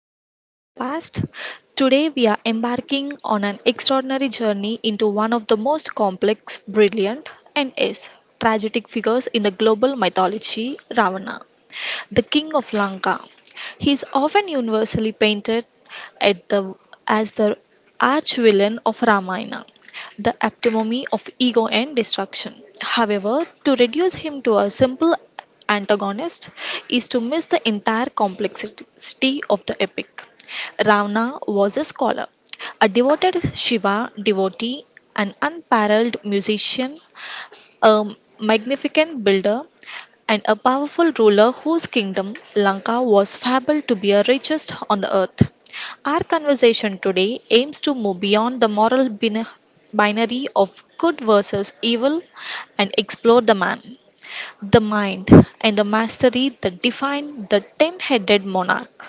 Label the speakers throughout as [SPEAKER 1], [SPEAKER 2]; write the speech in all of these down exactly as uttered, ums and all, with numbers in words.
[SPEAKER 1] to Echoes of the Past. Today we are embarking on an extraordinary journey into one of the most complex, brilliant, and yes, tragic figures in the global mythology, Ravana, the king of Lanka. He is often universally painted at the, as the arch-villain of Ramayana, the epitome of ego and destruction. However, to reduce him to a simple antagonist is to miss the entire complexity of the epic. Ravana was a scholar, a devoted Shiva devotee, an unparalleled musician, a magnificent builder, and a powerful ruler whose kingdom, Lanka, was fabled to be the richest on the earth. Our conversation today aims to move beyond the moral bin- binary of good versus evil and explore the man, the mind, and the mastery that define the ten headed monarch.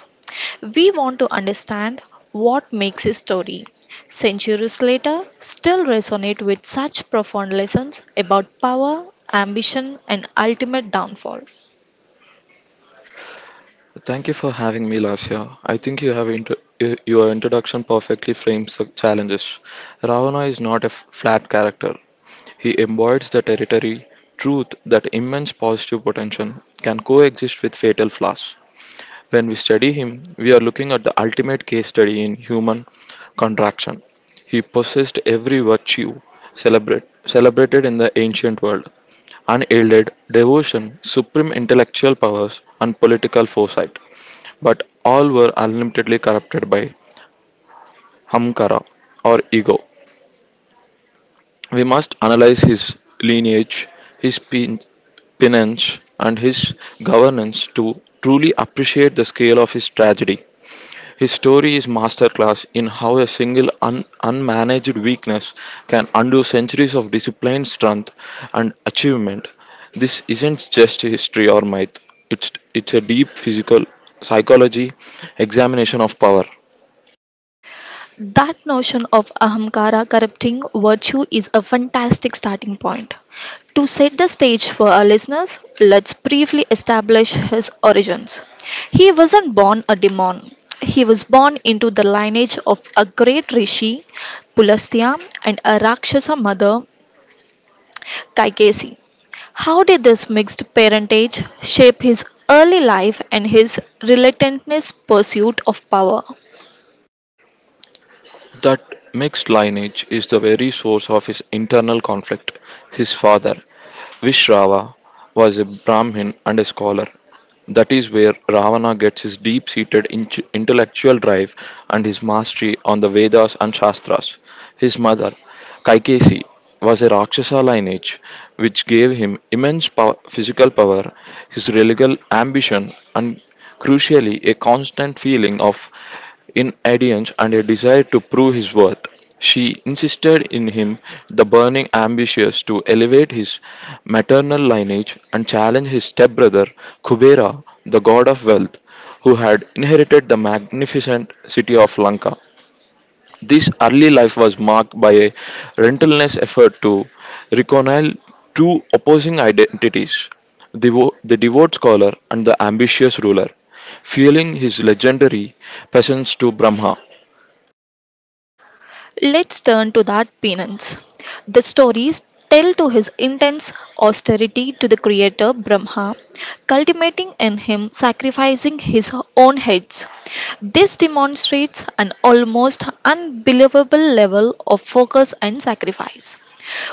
[SPEAKER 1] We want to understand what makes his story, centuries later, still resonate with such profound lessons about power, ambition, and ultimate downfall.
[SPEAKER 2] Thank you for having me, Lasya. I think you have inter- y- your introduction perfectly frames the challenges. Ravana is not a f- flat character. He embodies the territory, truth that immense positive potential can coexist with fatal flaws. When we study him, we are looking at the ultimate case study in human contraction. He possessed every virtue celebrate, celebrated in the ancient world unyielded devotion, supreme intellectual powers, and political foresight but all were unlimitedly corrupted by Hamkara or ego. We must analyze his lineage, his pen- penance, and his governance to truly appreciate the scale of his tragedy. His story is masterclass in how a single un- unmanaged weakness can undo centuries of disciplined strength and achievement. This isn't just history or myth. It's it's a deep physical psychology examination of power.
[SPEAKER 1] That notion of ahamkara corrupting virtue is a fantastic starting point. To set the stage for our listeners, let's briefly establish his origins. He wasn't born a demon. He was born into the lineage of a great rishi, Pulastya, and a Rakshasa mother, Kaikesi. How did this mixed parentage shape his early life and his relentless pursuit of power?
[SPEAKER 2] That mixed lineage is the very source of his internal conflict. His father, Vishrava, was a Brahmin and a scholar. That is where Ravana gets his deep seated intellectual drive and his mastery on the Vedas and Shastras. His mother, Kaikesi, was a Rakshasa lineage which gave him immense pow- physical power, his religious ambition, and crucially, a constant feeling of inadherence and a desire to prove his worth. She insisted in him the burning ambitions to elevate his maternal lineage and challenge his stepbrother Kubera, the god of wealth, who had inherited the magnificent city of Lanka. This early life was marked by a relentless effort to reconcile two opposing identities the, wo- the devout scholar and the ambitious ruler, fueling his legendary peasants to Brahma.
[SPEAKER 1] Let's turn to that penance. The stories tell to his intense austerity to the creator Brahma, cultivating in him sacrificing his own heads. This demonstrates an almost unbelievable level of focus and sacrifice.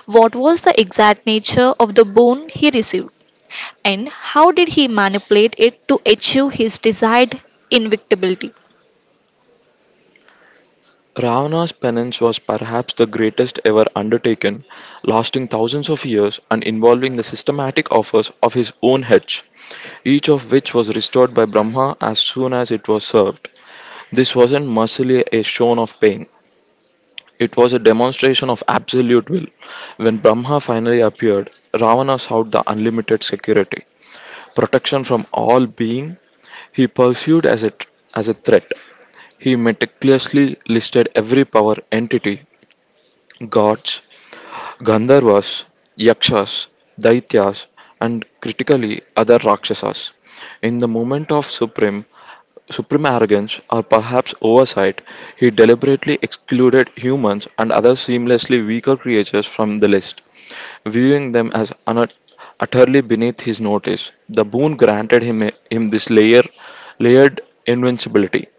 [SPEAKER 1] What was the exact nature of the boon he received? And how did he manipulate it to achieve his desired invincibility?
[SPEAKER 2] Ravana's penance was perhaps the greatest ever undertaken, lasting thousands of years and involving the systematic offers of his own heads, each of which was restored by Brahma as soon as it was served. This wasn't merely a show of pain. It was a demonstration of absolute will. When Brahma finally appeared, Ravana sought the unlimited security, protection from all being he pursued as a, as a threat. He meticulously listed every power entity, gods, Gandharvas, Yakshas, Daityas, and critically other Rakshasas. In the moment of supreme supreme arrogance, or perhaps oversight, he deliberately excluded humans and other seamlessly weaker creatures from the list, viewing them as un- utterly beneath his notice. The boon granted him, him this layer, layered invincibility,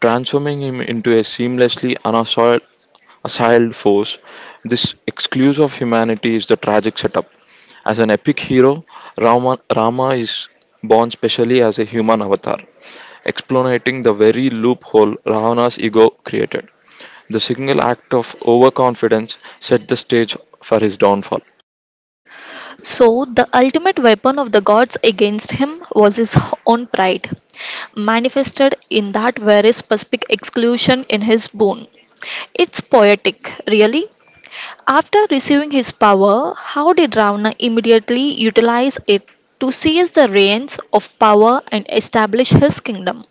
[SPEAKER 2] transforming him into a seamlessly unassailed assailed force. This exclusive of humanity is the tragic setup. As an epic hero, Rama, Rama is born specially as a human avatar, explanating the very loophole Ravana's ego created. The single act of overconfidence set the stage for his downfall.
[SPEAKER 1] So, the ultimate weapon of the gods against him was his own pride, manifested in that very specific exclusion in his boon. It's poetic, really. After receiving his power, how did Ravana immediately utilize it to seize the reins of power and establish his kingdom?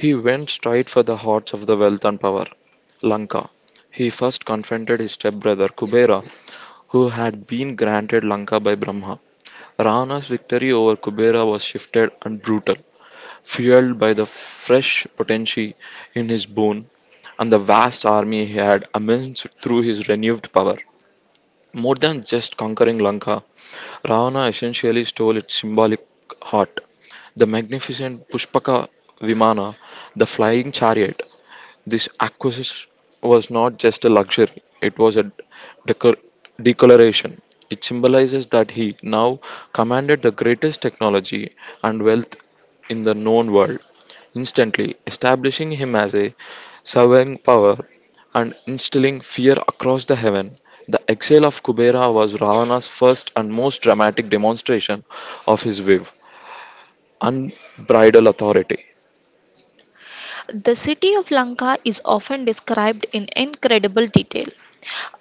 [SPEAKER 2] He went straight for the hearts of the wealth and power, Lanka. He first confronted his stepbrother Kubera who had been granted Lanka by Brahma. Rana's victory over Kubera was shifted and brutal, fueled by the fresh potency in his bone and the vast army he had amassed through his renewed power. More than just conquering Lanka, Ravana essentially stole its symbolic heart. The magnificent Pushpaka Vimana, the flying chariot, this acquisition was not just a luxury, it was a decor- declaration. It symbolizes that he now commanded the greatest technology and wealth in the known world, instantly establishing him as a sovereign power and instilling fear across the heaven. The exile of Kubera was Ravana's first and most dramatic demonstration of his wave, unbridled authority.
[SPEAKER 1] The city of Lanka is often described in incredible detail.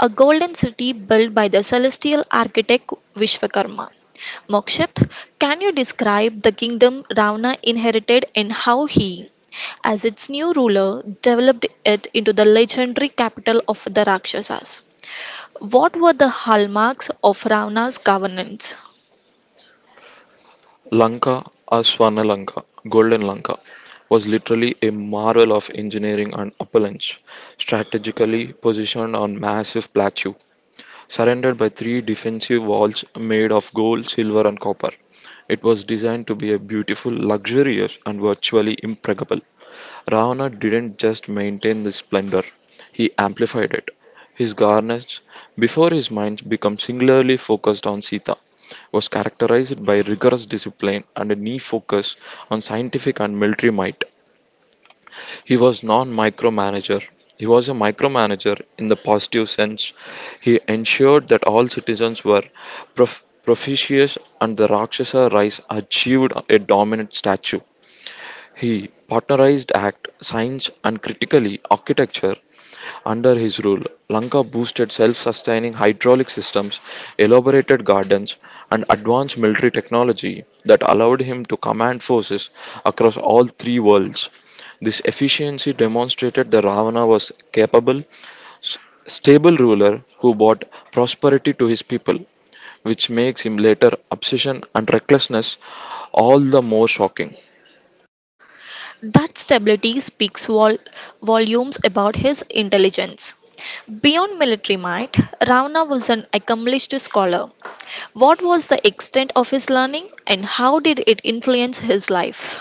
[SPEAKER 1] A golden city built by the celestial architect Vishwakarma. Mokshit, can you describe the kingdom Ravana inherited and how he, as its new ruler, developed it into the legendary capital of the Rakshasas? What were the hallmarks of Ravana's governance?
[SPEAKER 2] Lanka, or Swarnalanka, Golden Lanka, was literally a marvel of engineering and opulence. Strategically positioned on massive plateau, surrounded by three defensive walls made of gold, silver, and copper. It was designed to be a beautiful, luxurious, and virtually impregnable. Ravana didn't just maintain this splendor, he amplified it. His garnets, before his mind became singularly focused on Sita, was characterized by rigorous discipline and a keen focus on scientific and military might. He was non micromanager. He was a micromanager in the positive sense. He ensured that all citizens were prof- propitious and the Rakshasa race achieved a dominant stature. He partnerized act, science, and critically architecture under his rule, Lanka boosted self sustaining hydraulic systems, elaborated gardens, and advanced military technology that allowed him to command forces across all three worlds. This efficiency demonstrated that Ravana was capable, s- stable ruler who brought prosperity to his people, which makes him later obsession and recklessness all the more shocking.
[SPEAKER 1] That stability speaks vol- volumes about his intelligence. Beyond military might, Ravana was an accomplished scholar. What was the extent of his learning and how did it influence his life?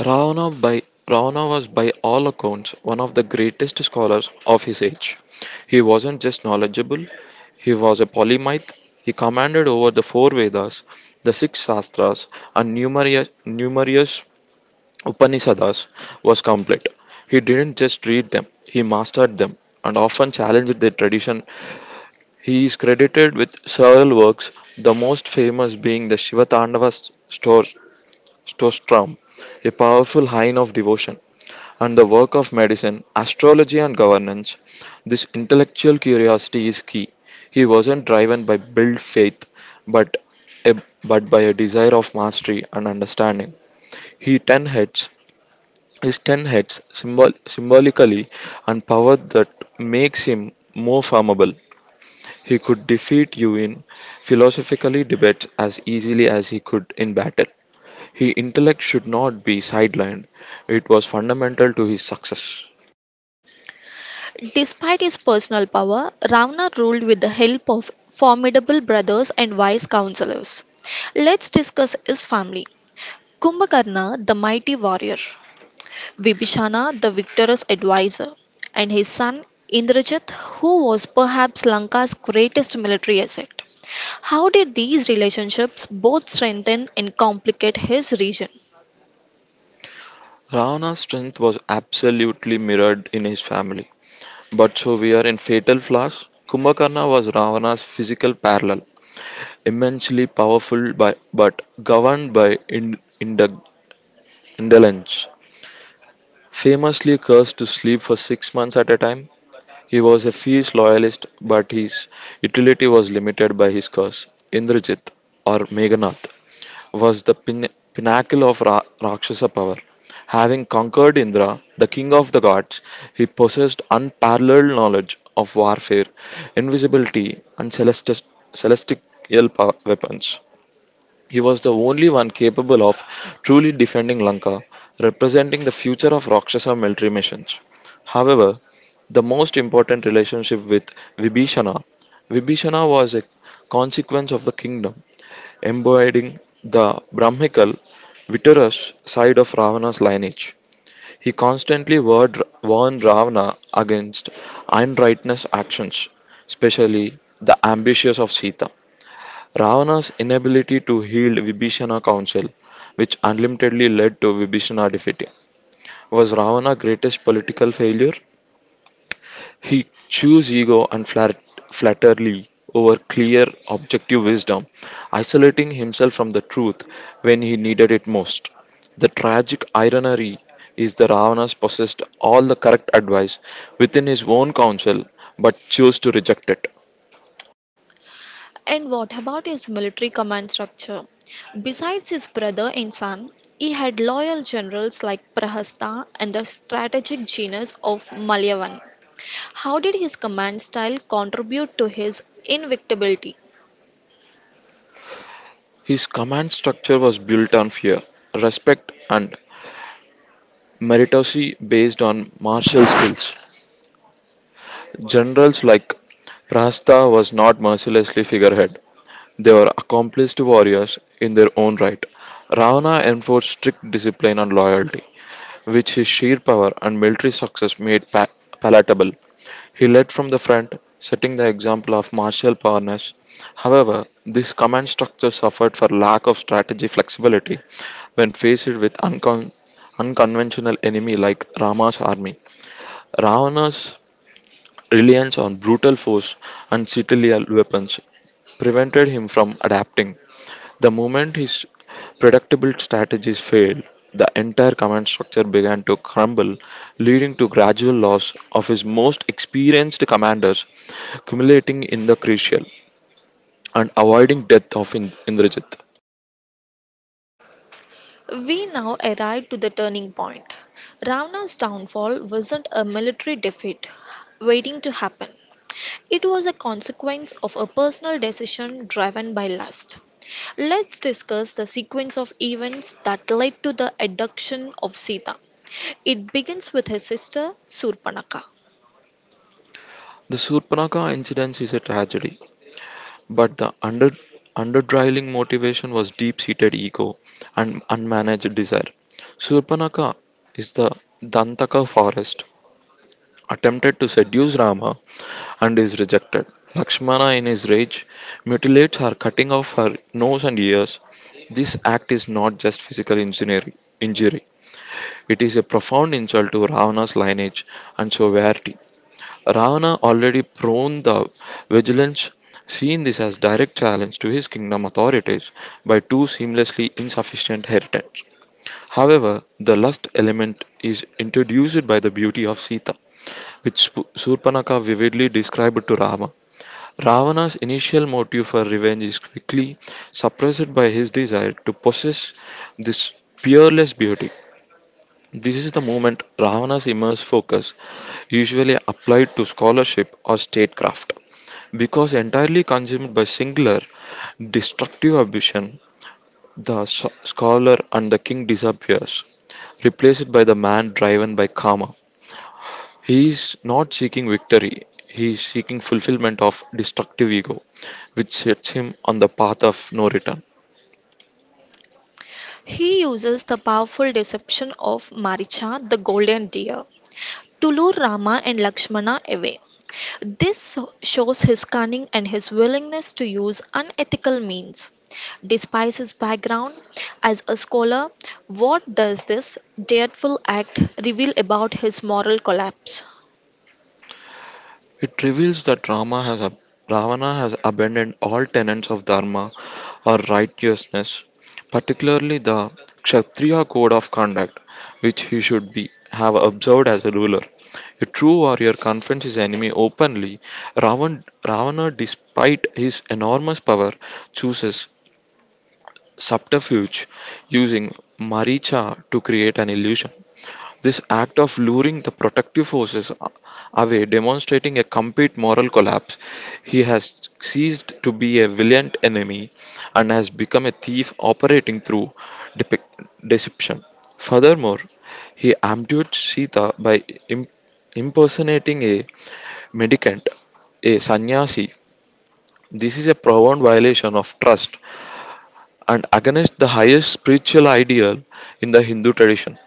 [SPEAKER 2] Ravana, by, Ravana was, by all accounts, one of the greatest scholars of his age. He wasn't just knowledgeable, he was a polymath. He commanded over the four Vedas, the six Shastras, and numerous, numerous Upanishads was complete. He didn't just read them, he mastered them and often challenged their tradition. He is credited with several works, the most famous being the Shiva Tandava Stor- Stotram, a powerful hymn of devotion and the work of medicine, astrology, and governance. This intellectual curiosity is key. He wasn't driven by build faith, but a, but by a desire of mastery and understanding. He ten heads his ten heads symbol, symbolically and power that makes him more formable. He could defeat you in philosophically debates as easily as he could in battle. His intellect should not be sidelined. It was fundamental to his success.
[SPEAKER 1] Despite his personal power, Ravana ruled with the help of formidable brothers and wise counselors. Let's discuss his family. Kumbhakarna, the mighty warrior. Vibhishana, the victorious advisor, and his son Indrajit, who was perhaps Lanka's greatest military asset. How did these relationships both strengthen and complicate his region?
[SPEAKER 2] Ravana's strength was absolutely mirrored in his family. But so we are in Fatal Flash. Kumbhakarna was Ravana's physical parallel, immensely powerful by, but governed by ind- ind- indolence. Famously cursed to sleep for six months at a time, he was a fierce loyalist, but his utility was limited by his curse, Indrajit or Meghanath. Was the pin- pinnacle of Ra- Rakshasa power. Having conquered Indra, the king of the gods, he possessed unparalleled knowledge of warfare, invisibility, and celestis- celestial pow- weapons. He was the only one capable of truly defending Lanka, representing the future of Rakshasa military missions. However, the most important relationship with Vibhishana. Vibhishana was a consequence of the kingdom embodying the Brahmical, vitreous side of Ravana's lineage. He constantly warned warned Ravana against unrighteous actions, especially the ambitions of Sita. Ravana's inability to heal Vibhishana's counsel, which unlimitedly led to Vibhishana defeat, was Ravana's greatest political failure he chose ego and flat- flattery over clear, objective wisdom, isolating himself from the truth when he needed it most. The tragic irony is that Ravanas possessed all the correct advice within his own counsel but chose to reject it.
[SPEAKER 1] And what about his military command structure? Besides his brother and son, he had loyal generals like Prahasta and the strategic genius of Malyavan. How did his command style contribute to his invincibility?
[SPEAKER 2] His command structure was built on fear, respect, and meritocracy based on martial skills. Generals like Rasta was not mercilessly figurehead. They were accomplished warriors in their own right. Ravana enforced strict discipline and loyalty, which his sheer power and military success made pa- palatable. He led from the front, setting the example of martial prowess. However, this command structure suffered for lack of strategy flexibility when faced with uncon- unconventional enemy like Rama's army. Ravana's reliance on brutal force and citadel weapons prevented him from adapting. The moment his predictable strategies failed, the entire command structure began to crumble, leading to gradual loss of his most experienced commanders, culminating in the crucial and avoiding death of In- Indrajit.
[SPEAKER 1] We now arrive to the turning point. Ravana's downfall wasn't a military defeat waiting to happen. It was a consequence of a personal decision driven by lust. Let's discuss the sequence of events that led to the abduction of Sita. It begins with his sister Surpanaka.
[SPEAKER 2] The Surpanaka incident is a tragedy, but the under underdriling motivation was deep-seated ego and unmanaged desire. Surpanaka is the Dantaka forest attempted to seduce Rama and is rejected. Lakshmana, in his rage, mutilates her, cutting off her nose and ears. This act is not just physical engineering, injury, it is a profound insult to Ravana's lineage and sovereignty. Ravana, already prone to vigilance, seeing this as direct challenge to his kingdom authorities by two seamlessly insufficient heretics. However, the lust element is introduced by the beauty of Sita, which Surpanaka vividly described to Rama Ravana's initial motive for revenge is quickly suppressed by his desire to possess this peerless beauty. This is the moment Ravana's immense focus, usually applied to scholarship or statecraft, because entirely consumed by singular destructive ambition. The s- scholar and the king disappears, replaced by the man driven by karma. He is not seeking victory, he is seeking fulfillment of destructive ego, which sets him on the path of no return.
[SPEAKER 1] He uses the powerful deception of Maricha, the golden deer, to lure Rama and Lakshmana away. This shows his cunning and his willingness to use unethical means. Despite his background as a scholar, what does this dreadful act reveal about his moral collapse?
[SPEAKER 2] It reveals that Rama has ab- Ravana has abandoned all tenets of dharma or righteousness, particularly the Kshatriya code of conduct, which he should be have observed as a ruler. A true warrior confronts his enemy openly. Ravan, Ravana, despite his enormous power, chooses subterfuge using Maricha to create an illusion. This act of luring the protective forces a- away, demonstrating a complete moral collapse, he has ceased to be a valiant enemy and has become a thief operating through depic deception. Furthermore, he ambushed Sita by im- impersonating a mendicant, a sannyasi. This is a profound violation of trust and against the highest spiritual ideal in the Hindu tradition.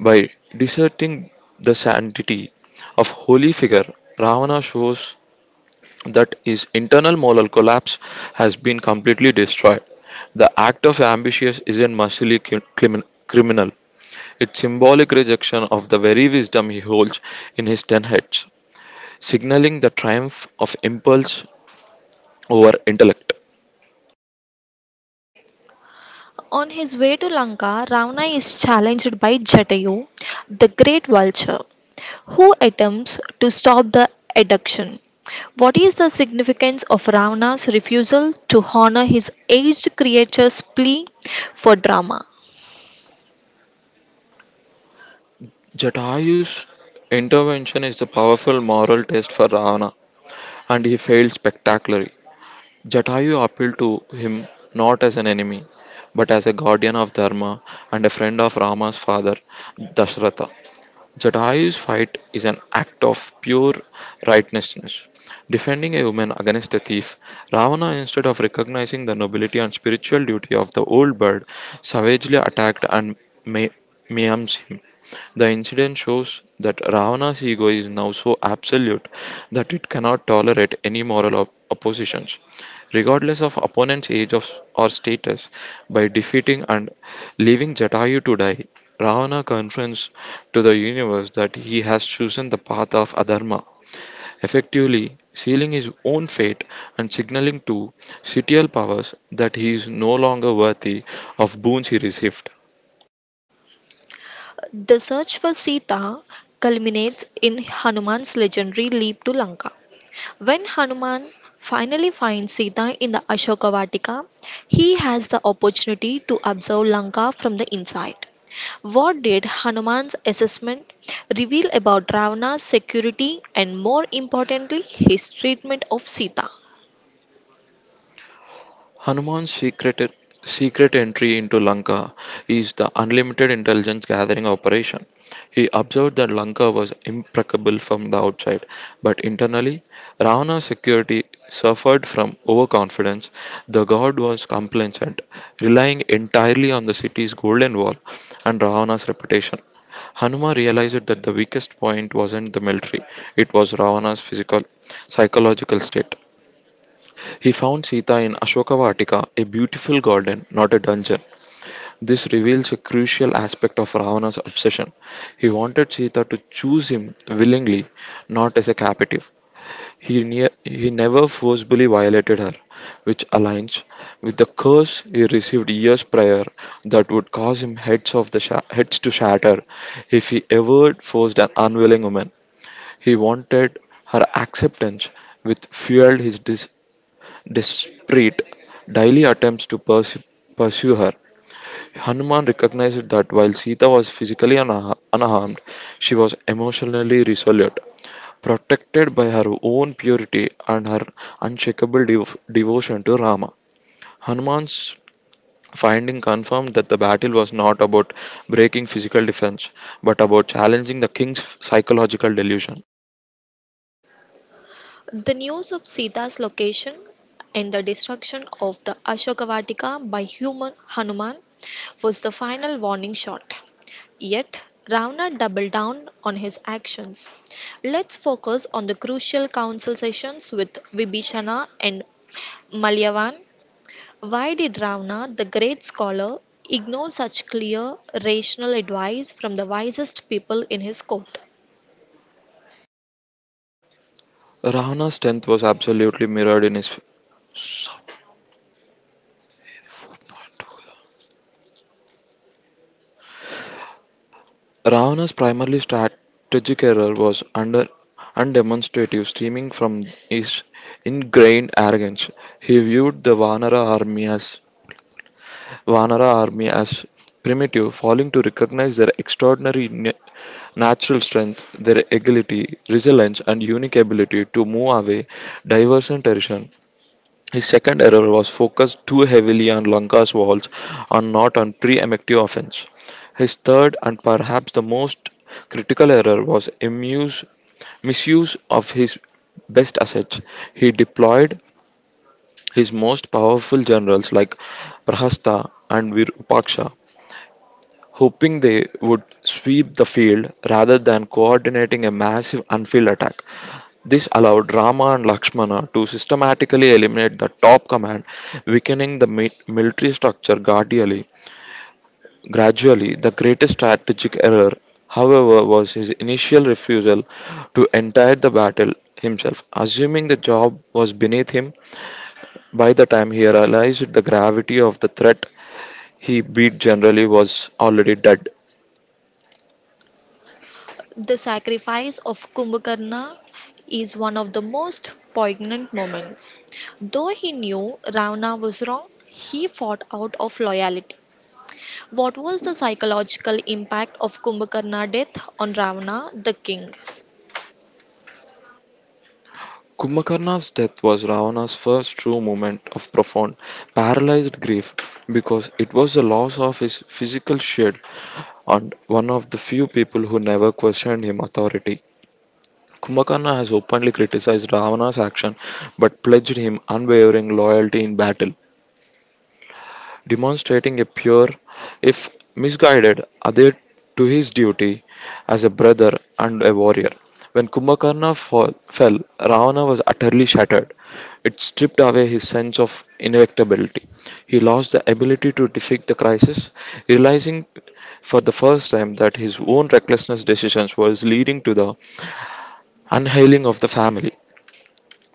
[SPEAKER 2] By deserting the sanctity of holy figure, Ravana shows that his internal moral collapse has been completely destroyed. The act of ambitious isn't mercilessly crimin- criminal. It's symbolic rejection of the very wisdom he holds in his ten heads, signaling the triumph of impulse over intellect.
[SPEAKER 1] On his way to Lanka, Ravana is challenged by Jatayu, the great vulture, who attempts to stop the abduction. What is the significance of Ravana's refusal to honor his aged creature's plea for drama?
[SPEAKER 2] Jatayu's intervention is a powerful moral test for Ravana, and he failed spectacularly. Jatayu appealed to him not as an enemy, but as a guardian of Dharma and a friend of Rama's father, Dashratha. Jatayu's fight is an act of pure righteousness. Defending a woman against a thief, Ravana, instead of recognizing the nobility and spiritual duty of the old bird, savagely attacked and ma- maims him. The incident shows that Ravana's ego is now so absolute that it cannot tolerate any moral op- oppositions, regardless of opponent's age of, or status. By defeating and leaving Jatayu to die, Ravana confronts to the universe that he has chosen the path of adharma, effectively sealing his own fate and signaling to sitial powers that he is no longer worthy of boons he received.
[SPEAKER 1] The search for Sita culminates in Hanuman's legendary leap to Lanka. When Hanuman finally finds Sita in the Ashoka Vatika, he has the opportunity to observe Lanka from the inside. What did Hanuman's assessment reveal about Ravana's security and, more importantly, his treatment of Sita?
[SPEAKER 2] Hanuman's secret, secret entry into Lanka is the unlimited intelligence gathering operation. He observed that Lanka was impeccable from the outside, but internally, Ravana's security suffered from overconfidence. The god was complacent, relying entirely on the city's golden wall and Ravana's reputation. Hanuma realized that the weakest point wasn't the military, it was Ravana's physical, psychological state. He found Sita in Ashoka Vatika, a beautiful garden, not a dungeon. This reveals a crucial aspect of Ravana's obsession. He wanted Sita to choose him willingly, not as a captive. He, ne- he never forcibly violated her, which aligns with the curse he received years prior that would cause him heads, of the sha- heads to shatter if he ever forced an unwilling woman. He wanted her acceptance, which fueled his des- Desperate, Daily attempts to pers- pursue her. Hanuman recognized that while Sita was physically unha- unharmed, she was emotionally resolute, protected by her own purity and her unshakable dev- devotion to Rama. Hanuman's finding confirmed that the battle was not about breaking physical defense, but about challenging the king's psychological delusion.
[SPEAKER 1] The news of Sita's location and the destruction of the Ashoka Vatika by human Hanuman was the final warning shot. Yet, Ravana doubled down on his actions. Let's focus on the crucial council sessions with Vibhishana and Malyavan. Why did Ravana, the great scholar, ignore such clear, rational advice from the wisest people in his court?
[SPEAKER 2] Ravana's strength was absolutely mirrored in his Ravana's primarily strategic error was under undemonstrative stemming from his ingrained arrogance. He viewed the Vanara army as Vanara army as primitive, failing to recognize their extraordinary na- natural strength, their agility, resilience, and unique ability to move away diverse and terrain. His second error was focused too heavily on Lanka's walls and not on pre effective offence. His third and perhaps the most critical error was imuse, misuse of his best assets. He deployed his most powerful generals like Prahasta and Virupaksha, hoping they would sweep the field rather than coordinating a massive unfield attack. This allowed Rama and Lakshmana to systematically eliminate the top command, weakening the mi- military structure gradually. Gradually, the greatest strategic error, however, was his initial refusal to enter the battle himself, assuming the job was beneath him. By the time he realized the gravity of the threat, he beat generally was already dead.
[SPEAKER 1] The sacrifice of Kumbhakarna is one of the most poignant moments. Though he knew Ravana was wrong, he fought out of loyalty. What was the psychological impact of Kumbhakarna's death on Ravana, the king?
[SPEAKER 2] Kumbhakarna's death was Ravana's first true moment of profound, paralyzed grief because it was the loss of his physical shield and one of the few people who never questioned his authority. Kumbhakarna has openly criticized Ravana's action but pledged him unwavering loyalty in battle demonstrating a pure, if misguided, adhere to his duty as a brother and a warrior. When Kumbhakarna fall, fell, Ravana was utterly shattered. It stripped away his sense of inevitability. He lost the ability to defeat the crisis, realizing for the first time that his own recklessness decisions was leading to the unhailing of the family.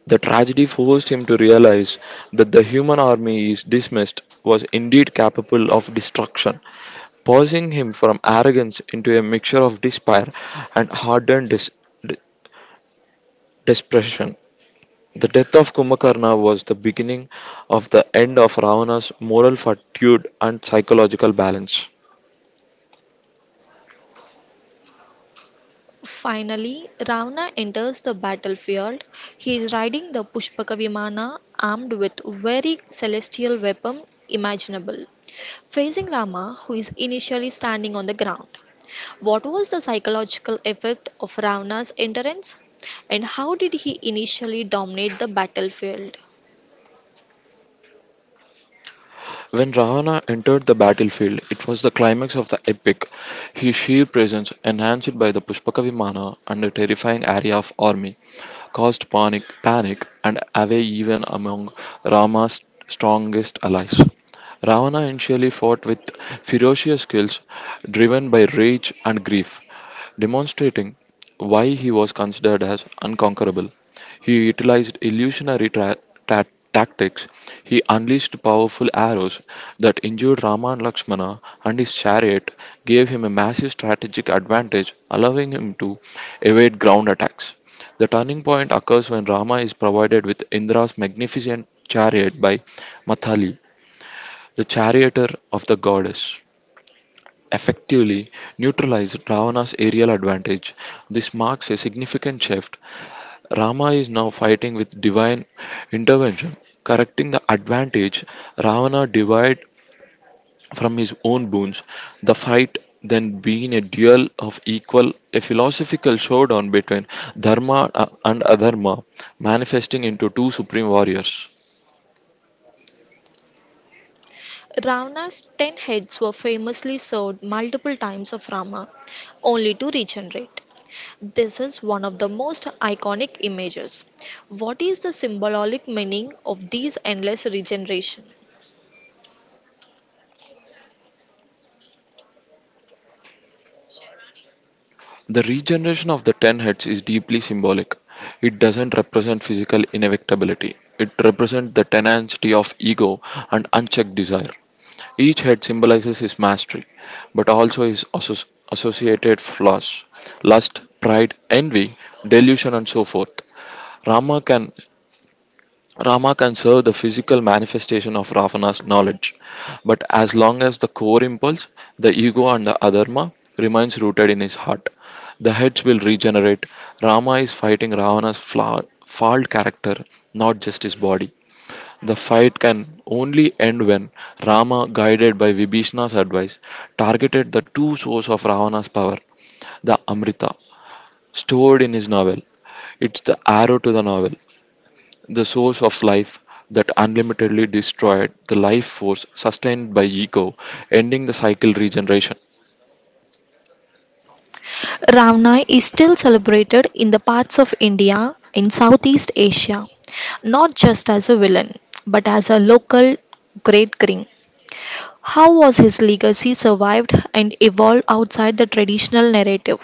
[SPEAKER 2] The tragedy forced him to realize that the human army he dismissed was indeed capable of destruction, pausing him from arrogance into a mixture of despair and hardened dis- de- desperation. The death of Kumbhakarna was the beginning of the end of Ravana's moral fortitude and psychological balance.
[SPEAKER 1] Finally, Ravana enters the battlefield. He is riding the Pushpaka Vimana, armed with very celestial weapon imaginable, facing Rama, who is initially standing on the ground. What was the psychological effect of Ravana's entrance, and how did he initially dominate the battlefield?
[SPEAKER 2] When Ravana entered the battlefield, it was the climax of the epic. His sheer presence, enhanced by the Pushpaka Vimana and the terrifying area of army, caused panic, panic and away even among Rama's strongest allies. Ravana initially fought with ferocious skills driven by rage and grief, demonstrating why he was considered as unconquerable. He utilized illusionary tra- ta- tactics. He unleashed powerful arrows that injured Rama and Lakshmana, and his chariot gave him a massive strategic advantage, allowing him to evade ground attacks. The turning point occurs when Rama is provided with Indra's magnificent chariot by Mathali, the charioteer of the goddess effectively neutralized Ravana's aerial advantage. This marks a significant shift. Rama is now fighting with divine intervention, correcting the advantage Ravana derived from his own boons. The fight then being a duel of equal, a philosophical showdown between Dharma uh, and Adharma, manifesting into two supreme warriors.
[SPEAKER 1] Ravana's ten heads were famously served multiple times of Rama, only to regenerate. This is one of the most iconic images. What is the symbolic meaning of these endless regeneration?
[SPEAKER 2] The regeneration of the ten heads is deeply symbolic. It doesn't represent physical inevitability, it represents the tenacity of ego and unchecked desire. Each head symbolizes his mastery, but also his associ- associated flaws lust, pride, envy, delusion, and so forth. Rama can Rama can serve the physical manifestation of Ravana's knowledge, but as long as the core impulse, the ego and the adharma, remains rooted in his heart, the heads will regenerate. Rama is fighting Ravana's flaw, flawed character, not just his body. The fight can only end when Rama, guided by Vibhishna's advice, targeted the true source of Ravana's power, the Amrita, stored in his novel. It's the arrow to the novel. The source of life that unlimitedly destroyed the life force sustained by ego, ending the cycle regeneration.
[SPEAKER 1] Ravana is still celebrated in the parts of India in Southeast Asia, not just as a villain, but as a local great king. How was his legacy survived and evolved outside the traditional narrative?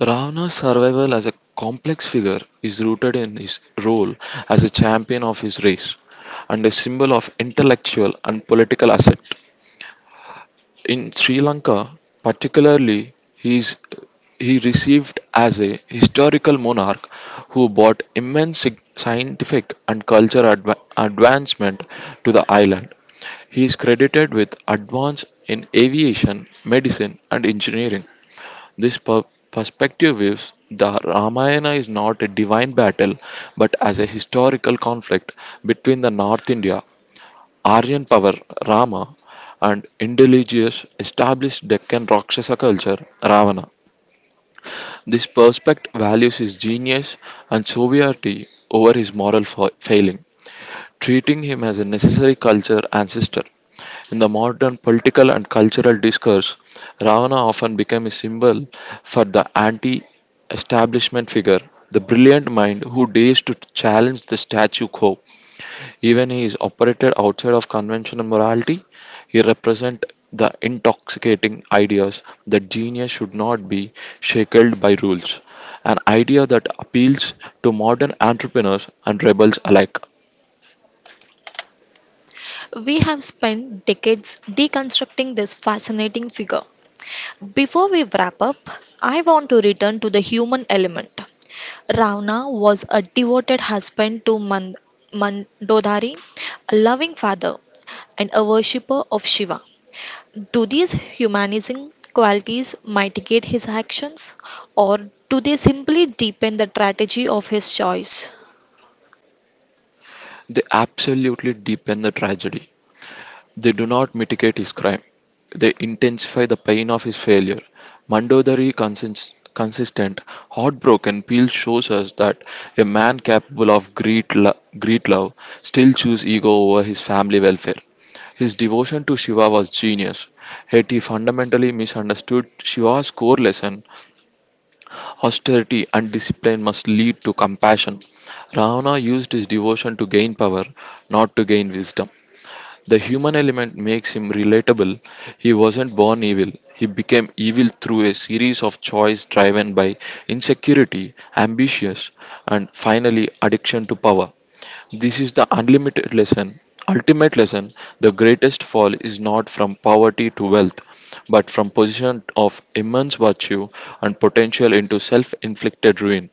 [SPEAKER 2] Ravana's survival as a complex figure is rooted in his role as a champion of his race and a symbol of intellectual and political ascent. In Sri Lanka, particularly, he, is, he received as a historical monarch who brought immense sig- scientific and cultural adva- advancement to the island. He is credited with advance in aviation, medicine, and engineering. This per- perspective views the Ramayana is not a divine battle but as a historical conflict between the North India Aryan power Rama and indigenous established Deccan Rakshasa culture Ravana. This perspect values his genius and sovereignty over his moral fa- failing, treating him as a necessary culture ancestor. In the modern political and cultural discourse, Ravana often became a symbol for the anti establishment figure, the brilliant mind who dares to challenge the status quo. Even he is operated outside of conventional morality, he represents the intoxicating ideas that genius should not be shackled by rules, an idea that appeals to modern entrepreneurs and rebels alike.
[SPEAKER 1] We have spent decades deconstructing this fascinating figure. Before we wrap up, I want to return to the human element. Ravana was a devoted husband to Man- Mandodari, a loving father, and a worshipper of Shiva. Do these humanizing qualities mitigate his actions, or do they simply deepen the tragedy of his choice?
[SPEAKER 2] They absolutely deepen the tragedy. They do not mitigate his crime, they intensify the pain of his failure. Mandodari consins- consistent, heartbroken, Peel shows us that a man capable of great, lo- great love still chooses ego over his family welfare. His devotion to Shiva was genius, yet he fundamentally misunderstood Shiva's core lesson austerity and discipline must lead to compassion. Ravana used his devotion to gain power, not to gain wisdom. The human element makes him relatable. He wasn't born evil, he became evil through a series of choices driven by insecurity, ambitions, and finally addiction to power. This is the unlimited lesson, ultimate lesson. The greatest fall is not from poverty to wealth, but from position of immense virtue and potential into self-inflicted ruin.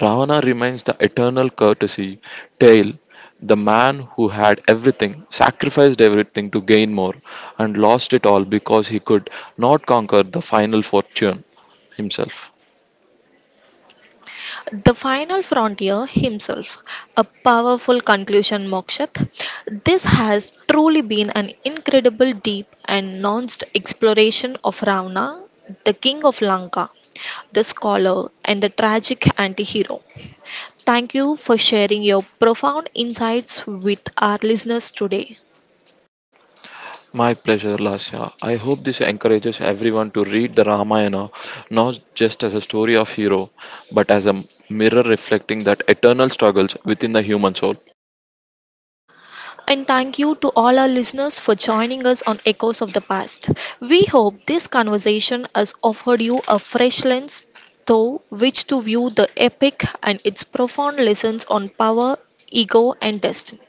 [SPEAKER 2] Ravana remains the eternal courtesy tale. The man who had everything, sacrificed everything to gain more, and lost it all because he could not conquer the final fortune himself.
[SPEAKER 1] The Final Frontier himself, a powerful conclusion, Mokshat. This has truly been an incredible, deep, and nuanced exploration of Ravana, the king of Lanka, the scholar, and the tragic anti hero. Thank you for sharing your profound insights with our listeners today.
[SPEAKER 2] My pleasure, Lasya. I hope this encourages everyone to read the Ramayana not just as a story of hero, but as a mirror reflecting that eternal struggles within the human soul.
[SPEAKER 1] And thank you to all our listeners for joining us on Echoes of the Past. We hope this conversation has offered you a fresh lens through which to view the epic and its profound lessons on power, ego, and destiny.